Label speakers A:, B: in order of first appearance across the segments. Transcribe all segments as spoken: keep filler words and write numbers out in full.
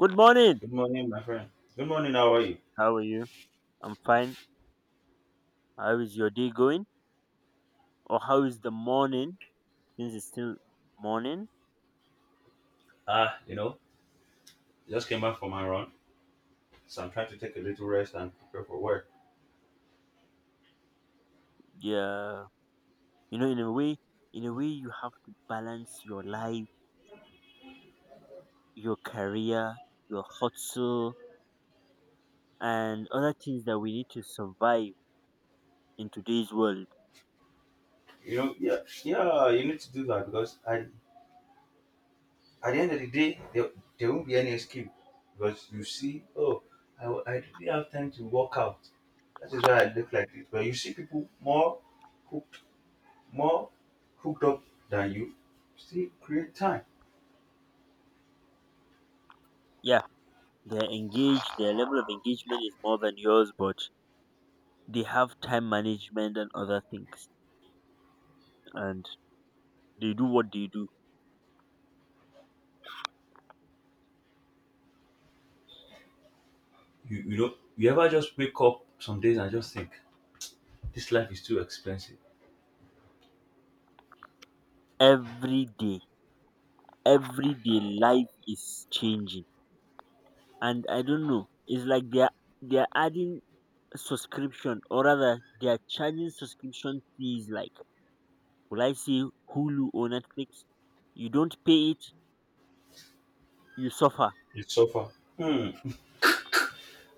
A: Good morning.
B: Good morning, my friend. Good morning, how are you?
A: How are you? I'm fine. How is your day going? Or how is the morning? Since it's still morning.
B: Ah, you know, just came back from my run, so I'm trying to take a little rest and prepare for work.
A: Yeah. You know, in a way, in a way, you have to balance your life, your career, your hustle, and other things that we need to survive in today's world.
B: You know, yeah, yeah, you need to do that because at, at the end of the day, there, there won't be any escape because you see, oh, I, I didn't have time to work out. That is why I look like this. But you see people more hooked, more hooked up than you. Still create time.
A: Yeah, they're engaged. Their level of engagement is more than yours, but they have time management and other things, and they do what they do
B: You, you know, you ever just wake up some days and just think, this life is too expensive.
A: every day. Everyday life is changing, and I don't know, it's like they're they're adding subscription, or rather they're charging subscription fees, like, will I say Hulu or Netflix. You don't pay it, you suffer.
B: You suffer. Hmm.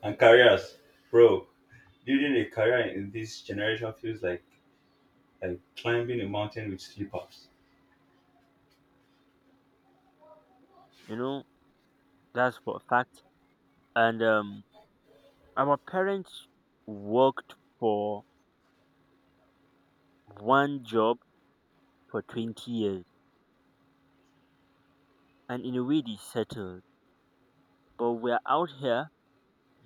B: And careers, bro. Building a career in this generation feels like like climbing a mountain with slippers.
A: You know that's for a fact. And um our parents worked for one job for twenty years, and in a way they settled, but we're out here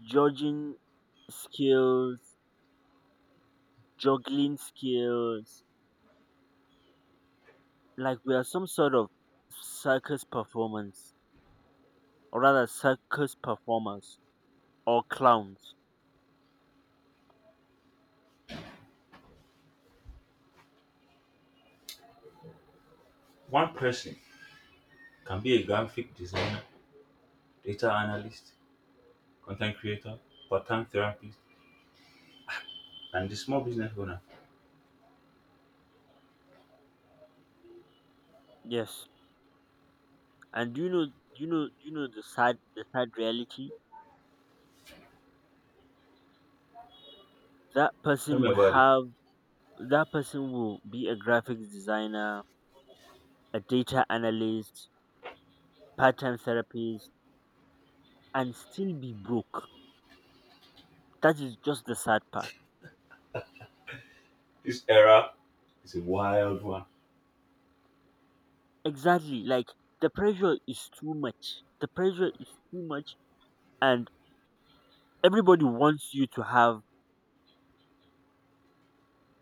A: judging skills, juggling skills, like we are some sort of circus performance, or rather circus performers or clowns.
B: One person can be a graphic designer, data analyst, content creator, part-time therapist, and the small business owner.
A: Yes. And do you know, do you know do you know the sad the sad reality? that
B: Tell
A: person
B: me
A: will
B: about it.
A: have that person will be a graphics designer, a data analyst, part-time therapist, and still be broke. That is just the sad part.
B: This era is a wild one.
A: Exactly. Like, the pressure is too much the pressure is too much and everybody wants you to have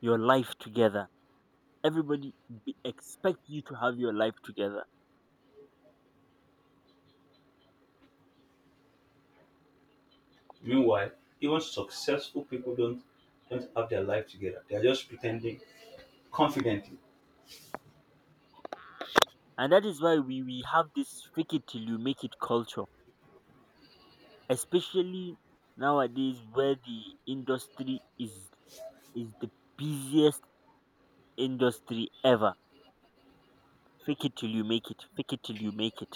A: your life together. Everybody be, expect you to have your life together.
B: Meanwhile, even successful people don't don't have their life together. They are just pretending confidently,
A: And that is why we we have this fake it till you make it culture, especially nowadays, where the industry is is the busiest industry ever. Fake it till you make it fake it till you make it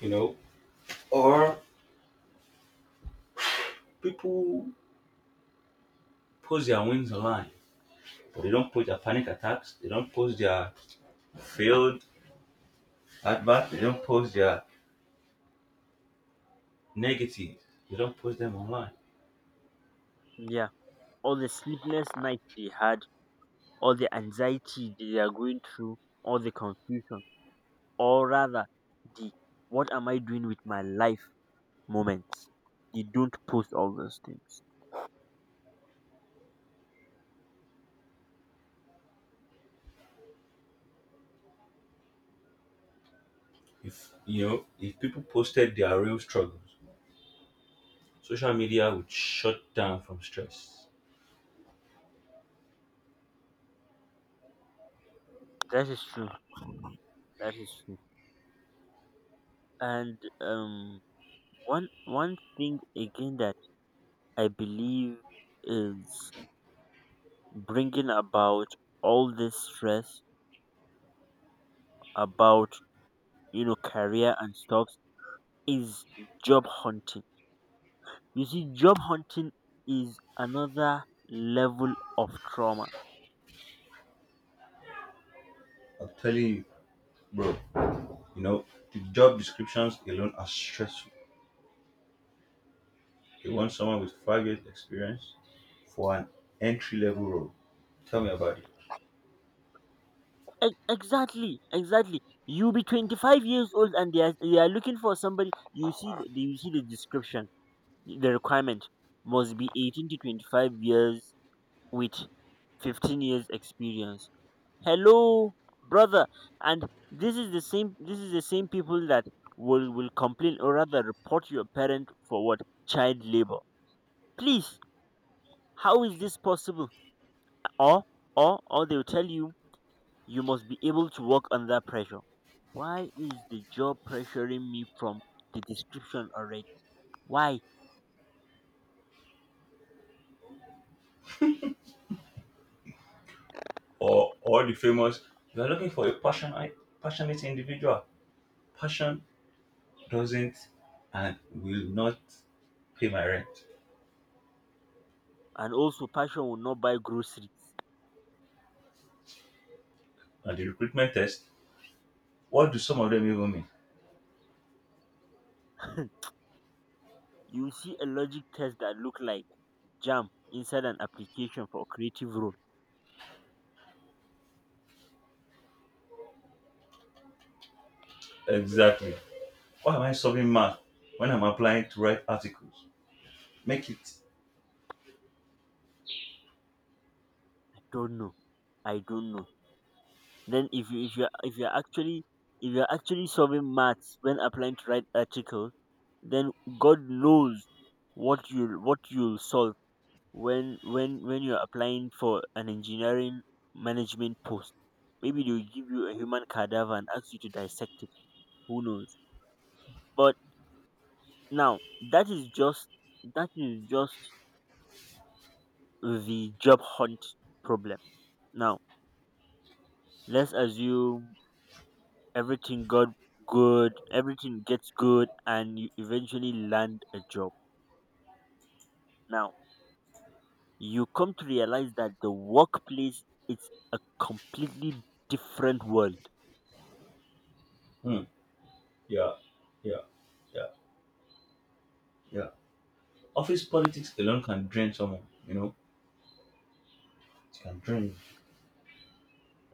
B: you know, or people post their wins online. They don't post their panic attacks. They don't post their failed at bat. They don't post their negatives. They don't post them online.
A: Yeah, all the sleepless nights they had, all the anxiety they are going through, all the confusion, or rather the "what am I doing with my life" moments. You don't post all those things.
B: If you know, if people posted their real struggles, social media would shut down from stress.
A: That is true. That is true. And um, one one thing again that I believe is bringing about all this stress about, you know, career and stuff, is job hunting. You see, job hunting is another level of trauma.
B: I'm telling you, bro. You know, the job descriptions alone are stressful. They want someone with five years experience for an entry level role. Tell me about it.
A: E- exactly, exactly. You be twenty five years old and they are, they are looking for somebody. You see, the, you see the description. The requirement must be eighteen to twenty-five years with fifteen years experience. Hello, brother. And this is the same this is the same people that will will complain, or rather report your parent for what? Child labor. Please, how is this possible? Or or or they'll tell you, you must be able to work under pressure. Why is the job pressuring me from the description already? Why?
B: Or or the famous you are looking for a passionate passionate individual. Passion doesn't and will not pay my rent.
A: And also, passion will not buy groceries.
B: And the recruitment test. What do some of them even mean?
A: You will see a logic test that look like jam inside an application for a creative role.
B: Exactly. Why am I solving math when I'm applying to write articles? Make it.
A: I don't know. I don't know. Then if you if you if you're actually, if you're actually solving maths when applying to write article, then God knows what you'll what you'll solve when when when you're applying for an engineering management post. Maybe they'll give you a human cadaver and ask you to dissect it. Who knows? But now, that is just that is just the job hunt problem. Now, let's assume everything got good, everything gets good, and you eventually land a job. Now, you come to realize that the workplace is a completely different world,
B: Hmm. Yeah, yeah, yeah, yeah. Office politics alone can drain someone, you know? It can drain.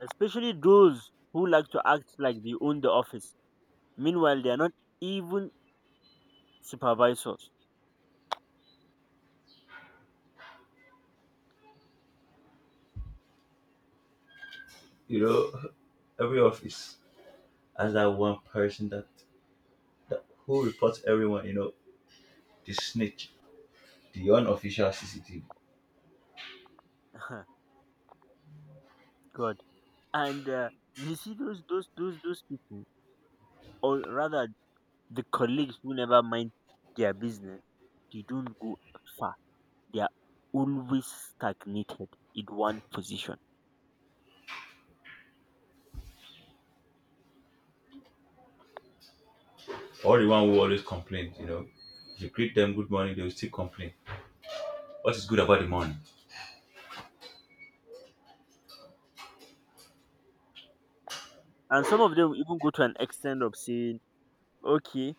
A: especially those who like to act like they own the office. Meanwhile, they are not even supervisors.
B: You know, every office has that one person that, that who reports everyone, you know, the snitch, the unofficial C C T V.
A: God. And uh, you see those those those those people, or rather the colleagues who never mind their business, they don't go far. They are always stagnated in one position.
B: Or the one who always complains, you know. If you greet them good morning, they will still complain. What is good about the morning?
A: And some of them will even go to an extent of saying, okay,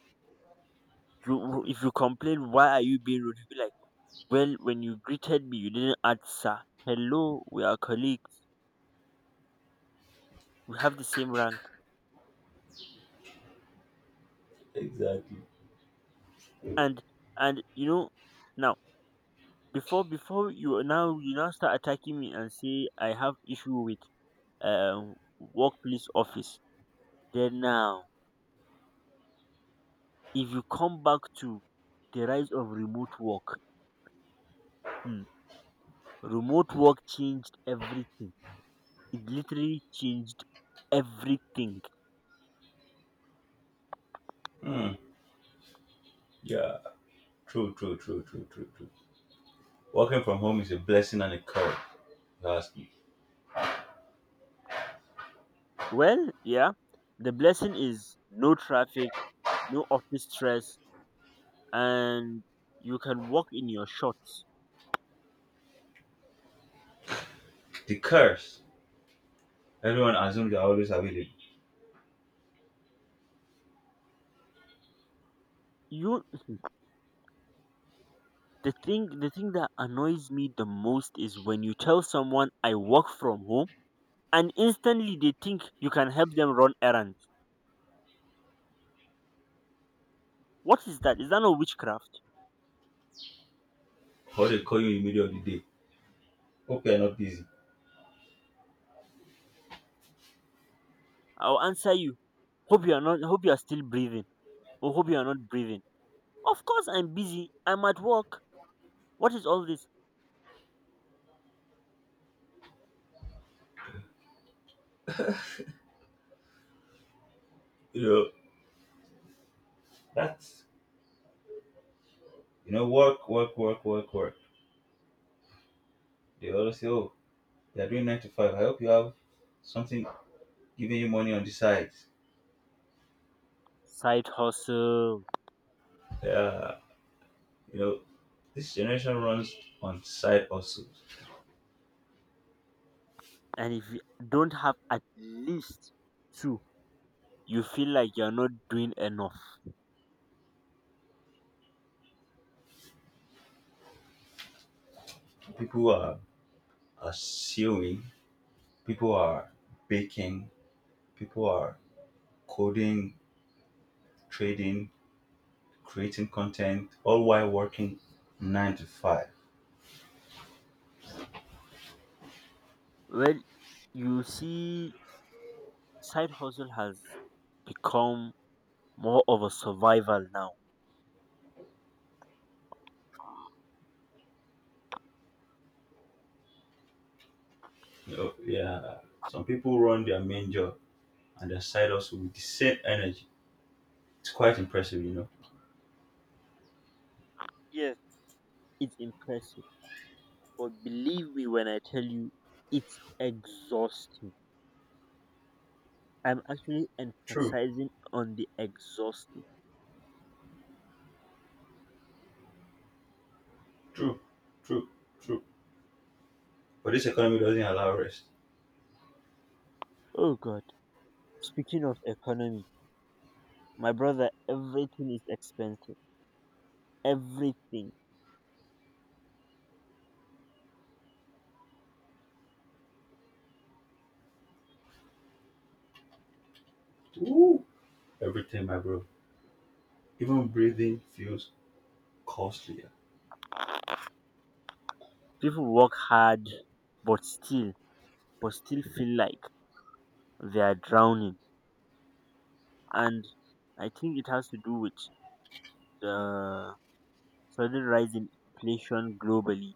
A: you, if you complain, why are you being rude? You'll be like, well, when you greeted me, you didn't answer. Hello, we are colleagues. We have the same rank.
B: Exactly.
A: And, and you know, now, before before you now, you now start attacking me and say I have issue with um workplace office. Then now, if you come back to the rise of remote work, hmm, remote work changed everything. It literally changed everything.
B: Hmm. Yeah. True, true, true, true, true, true. Working from home is a blessing and a curse, if you ask me.
A: Well, yeah, the blessing is no traffic, no office stress, and you can walk in your shorts.
B: The curse. Everyone assumes they are always available.
A: You, the thing the thing that annoys me the most is when you tell someone I work from home and instantly they think you can help them run errands. What is that? Is that not witchcraft?
B: Or they call you in the middle of the day. Hope you're not busy.
A: I'll answer you. Hope you are not hope you are still breathing. Or hope you are not breathing. Of course I'm busy. I'm at work. What is all this?
B: You know, that's you know, work, work, work, work, work. They always say, oh, you're doing nine to five. I hope you have something giving you money on the side.
A: Side hustle.
B: Yeah. You know, this generation runs on side hustles.
A: And if you don't have at least two, you feel like you're not doing enough.
B: People are, are sewing, people are baking, people are coding, trading, creating content, all while working nine to five.
A: Well, you see, side hustle has become more of a survival now.
B: You know, yeah. Some people run their main job and their side hustle with the same energy. It's quite impressive, you know.
A: Yes, it's impressive. But believe me when I tell you, it's exhausting. I'm actually
B: True,
A: emphasizing on the exhausting.
B: true, true, true. But this economy doesn't allow rest.
A: Oh God. Speaking of economy, my brother, everything is expensive. Everything.
B: Woo! Everything, my bro. Even breathing feels costlier.
A: People work hard, but still, but still feel like they are drowning. And I think it has to do with the sudden rise in inflation globally.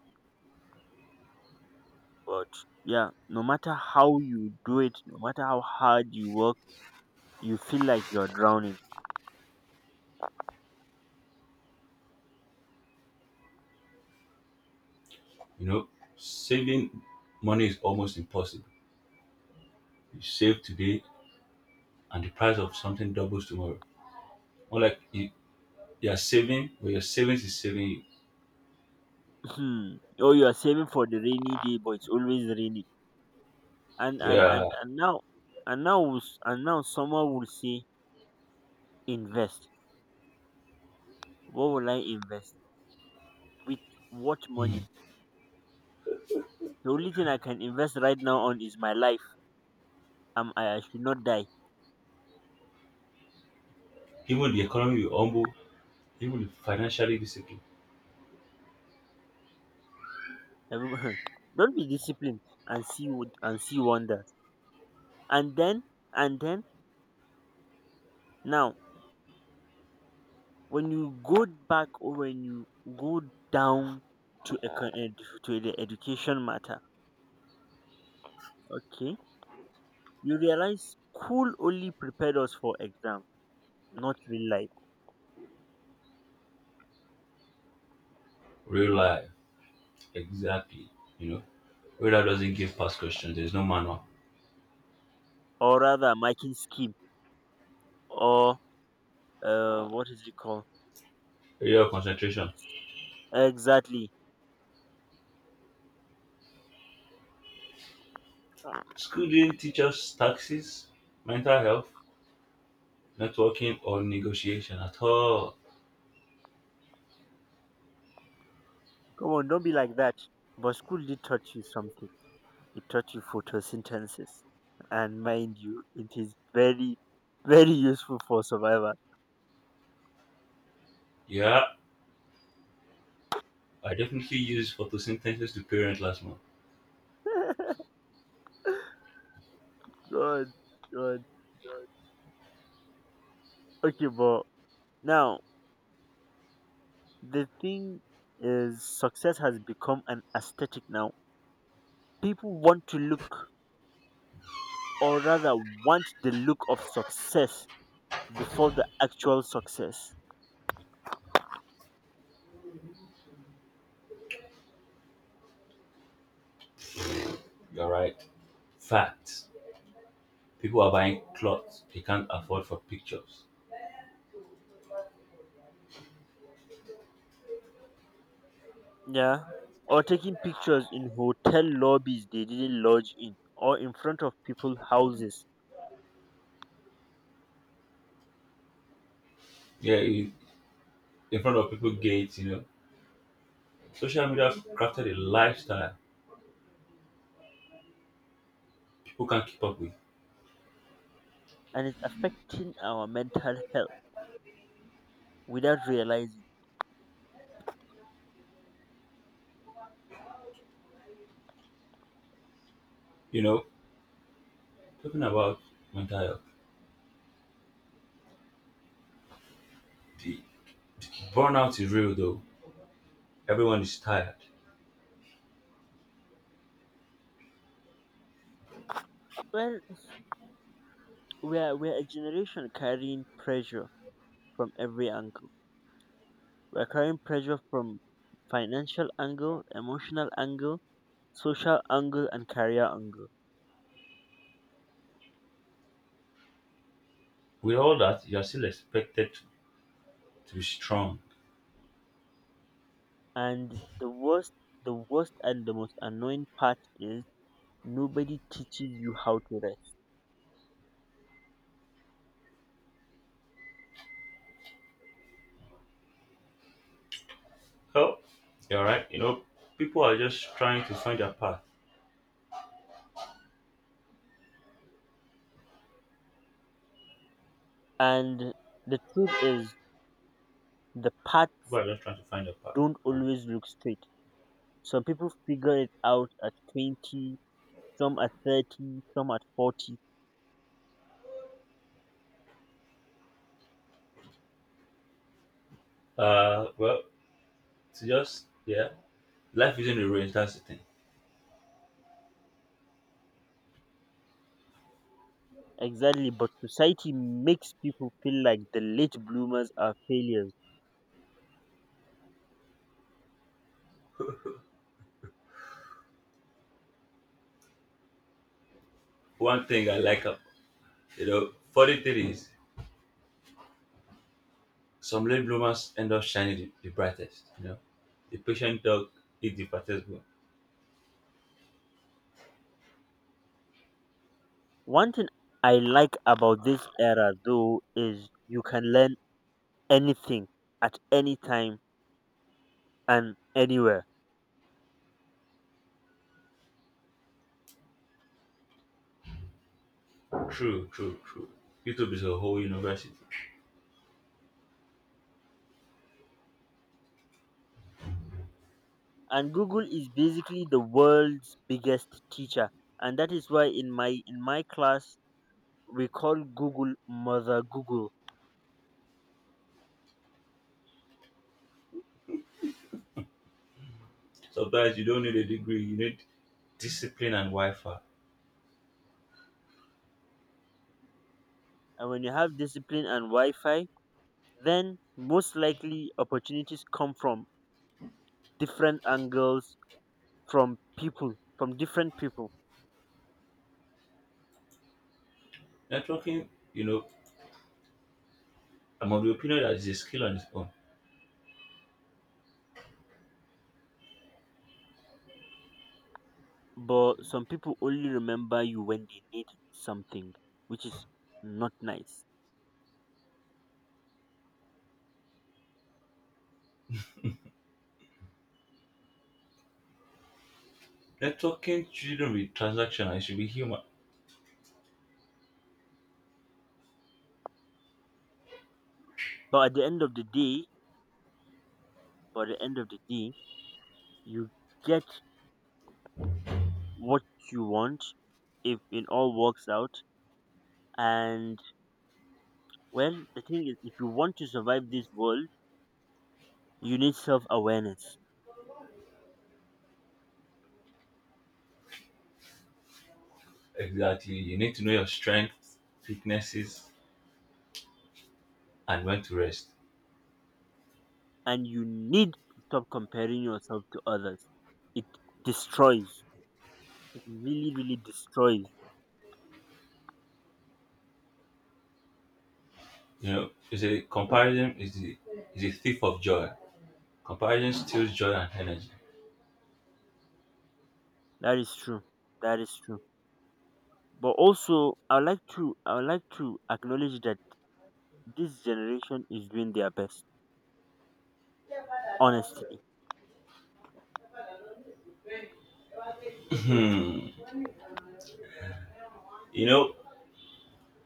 A: But yeah, no matter how you do it, no matter how hard you work, you feel like you're drowning.
B: You know, saving money is almost impossible. You save today and the price of something doubles tomorrow. More like you, you are saving, but your savings is saving
A: Hmm. Oh, you are saving for the rainy day, but it's always rainy. And
B: you.
A: and
B: Yeah,
A: and and now, and now, will s- and now, someone will say, invest. What will I invest with? What money? The only thing I can invest right now on is my life. Um, I, I should not die.
B: even the economy will humble, even the financially disciplined.
A: Everyone— Don't be disciplined and see won- and see wonders. And then, and then now, when you go back, or when you go down to econ- ed- to the education matter, okay. You realize school only prepared us for exam, not real life,
B: Real life, exactly. You know, where that doesn't give past questions, there's no manual.
A: or rather marking scheme, or uh, what is it called?
B: Area of concentration.
A: Exactly.
B: School didn't teach us taxes, mental health, networking, or negotiation at all.
A: Come on, don't be like that. But school did teach you something. It taught you photosynthesis, and mind you, it is very, very useful for survival.
B: Yeah, I definitely used photosynthesis to parent last month.
A: God, God. Okay, but now, the thing is, success has become an aesthetic now. People want to look, or rather want the look of success before the actual success.
B: You're right. Facts. People are buying clothes they can't afford for pictures.
A: Yeah. Or taking pictures in hotel lobbies they didn't lodge in, or in front of people's houses.
B: Yeah, in in front of people gates, you know. Social media crafted a lifestyle people can't keep up with.
A: And it's affecting our mental health without realizing.
B: You know, talking about mental health, the burnout is real though. Everyone is tired.
A: Well, we are we are a generation carrying pressure from every angle. We are carrying pressure from financial angle, emotional angle, social angle, and career angle.
B: With all that, you're still expected to, to be strong.
A: And the worst, the worst and the most annoying part is nobody teaches you how to rest.
B: Oh, you're right. You know, people are just trying to find their path.
A: And the truth is, the paths
B: People are just trying to find their path.
A: don't
B: Um,
A: always look straight. Some people figure it out at twenty, some at thirty, some at forty.
B: uh, well, to just, yeah, life isn't a race, that's the thing.
A: Exactly, but society makes people feel like the late bloomers are failures.
B: One thing I like, ab- you know, funny thing is some late bloomers end up shining the, the brightest. You know, the patient dog is the fattest one.
A: One thing I like about this era, though, is you can learn anything at any time and anywhere.
B: True, true, true. YouTube is a whole university.
A: And Google is basically the world's biggest teacher. And that is why in my in my class we call Google "mother Google".
B: Sometimes you don't need a degree, you need discipline and Wi-Fi.
A: And when you have discipline and Wi-Fi, then most likely opportunities come from different angles, from people from different people.
B: Networking, you know, I'm of the opinion that it's a skill on its own.
A: But some people only remember you when they need something, which is not nice.
B: Networking shouldn't be transactional, it should be human.
A: But at the end of the day but at the end of the day, you get what you want if it all works out. And, well, the thing is, if you want to survive this world, you need self awareness,
B: Exactly. You need to know your strengths, weaknesses, and when to rest.
A: and you need to stop comparing yourself to others. It destroys, it really, really destroys.
B: You know, it's a comparison is the is a thief of joy. Comparison steals joy and energy.
A: That is true. That is true. But also, I would like to, I would like to acknowledge that this generation is doing their best. Honestly,
B: Hmm. You know,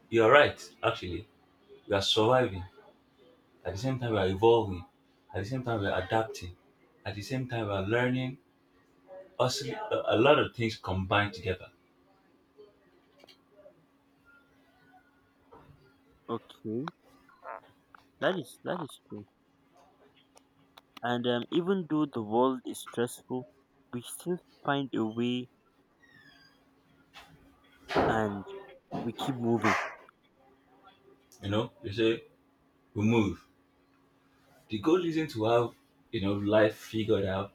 B: you're right, actually. We are surviving. At the same time, we are evolving. At the same time, we are adapting. At the same time, we are learning. Also, a, a lot of things combined together.
A: okay, that is that is true. And um, even though the world is stressful, we still find a way, and we keep moving.
B: You know, you say, we move. The goal isn't to have, you know, life figured out.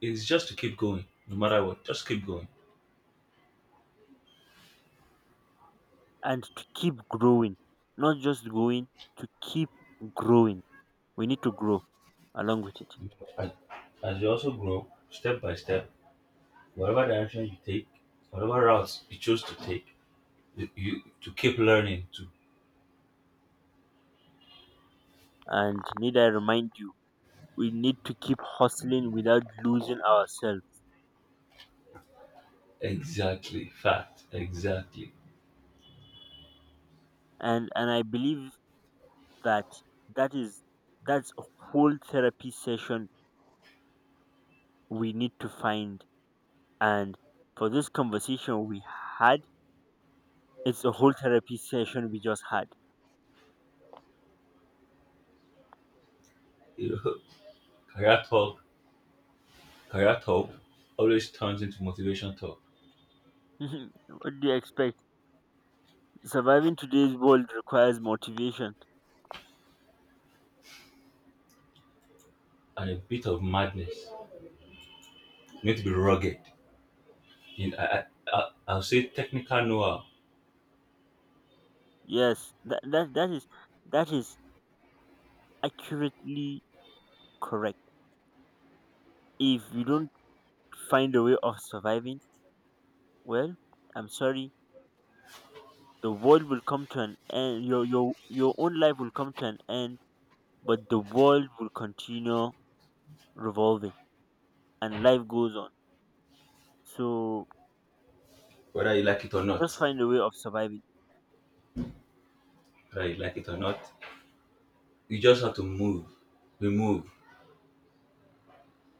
B: It's just to keep going, no matter what. Just keep going.
A: And to keep growing, not just going, to keep growing. We need to grow along with it.
B: As, as you also grow, step by step, whatever direction you take, whatever routes you choose to take, you, you to keep learning to
A: And need I remind you, we need to keep hustling without losing ourselves.
B: exactly fact exactly.
A: And and I believe that that is that's a whole therapy session we need to find. And for this conversation we had, it's a whole therapy session we just had.
B: You know, career talk, career talk always turns into motivation talk
A: What do you expect? Surviving today's world requires motivation.
B: and a bit of madness. You need to be rugged. In I, I, I- I'll say technical know-how,
A: Yes, that, that that is, that is accurately correct. If you don't find a way of surviving, well, I'm sorry, the world will come to an end. Your your your own life will come to an end, but the world will continue revolving, and life goes on. So
B: whether you like it or not.
A: just find a way of surviving.
B: Whether you like it or not, you just have to move. We move,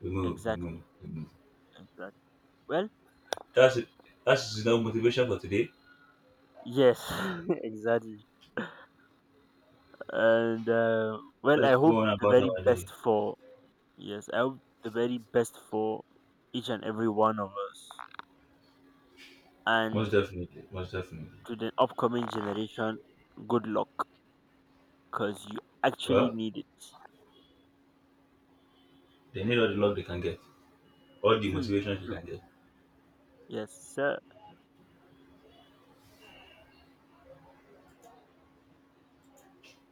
B: we move, we
A: Exactly.
B: move, we move.
A: Exactly. Well,
B: That's it. That's enough motivation for today.
A: yes, exactly. And uh, well i
B: Let's
A: hope
B: go on
A: the
B: about
A: very
B: our
A: best
B: day.
A: for yes I hope the very best for each and every one of us. And
B: Most definitely, most definitely.
A: to the upcoming generation, good luck, because you actually
B: Well,
A: need it.
B: they need all the love they can get, all the
A: Hmm,
B: motivation they
A: true.
B: can get.
A: Yes sir.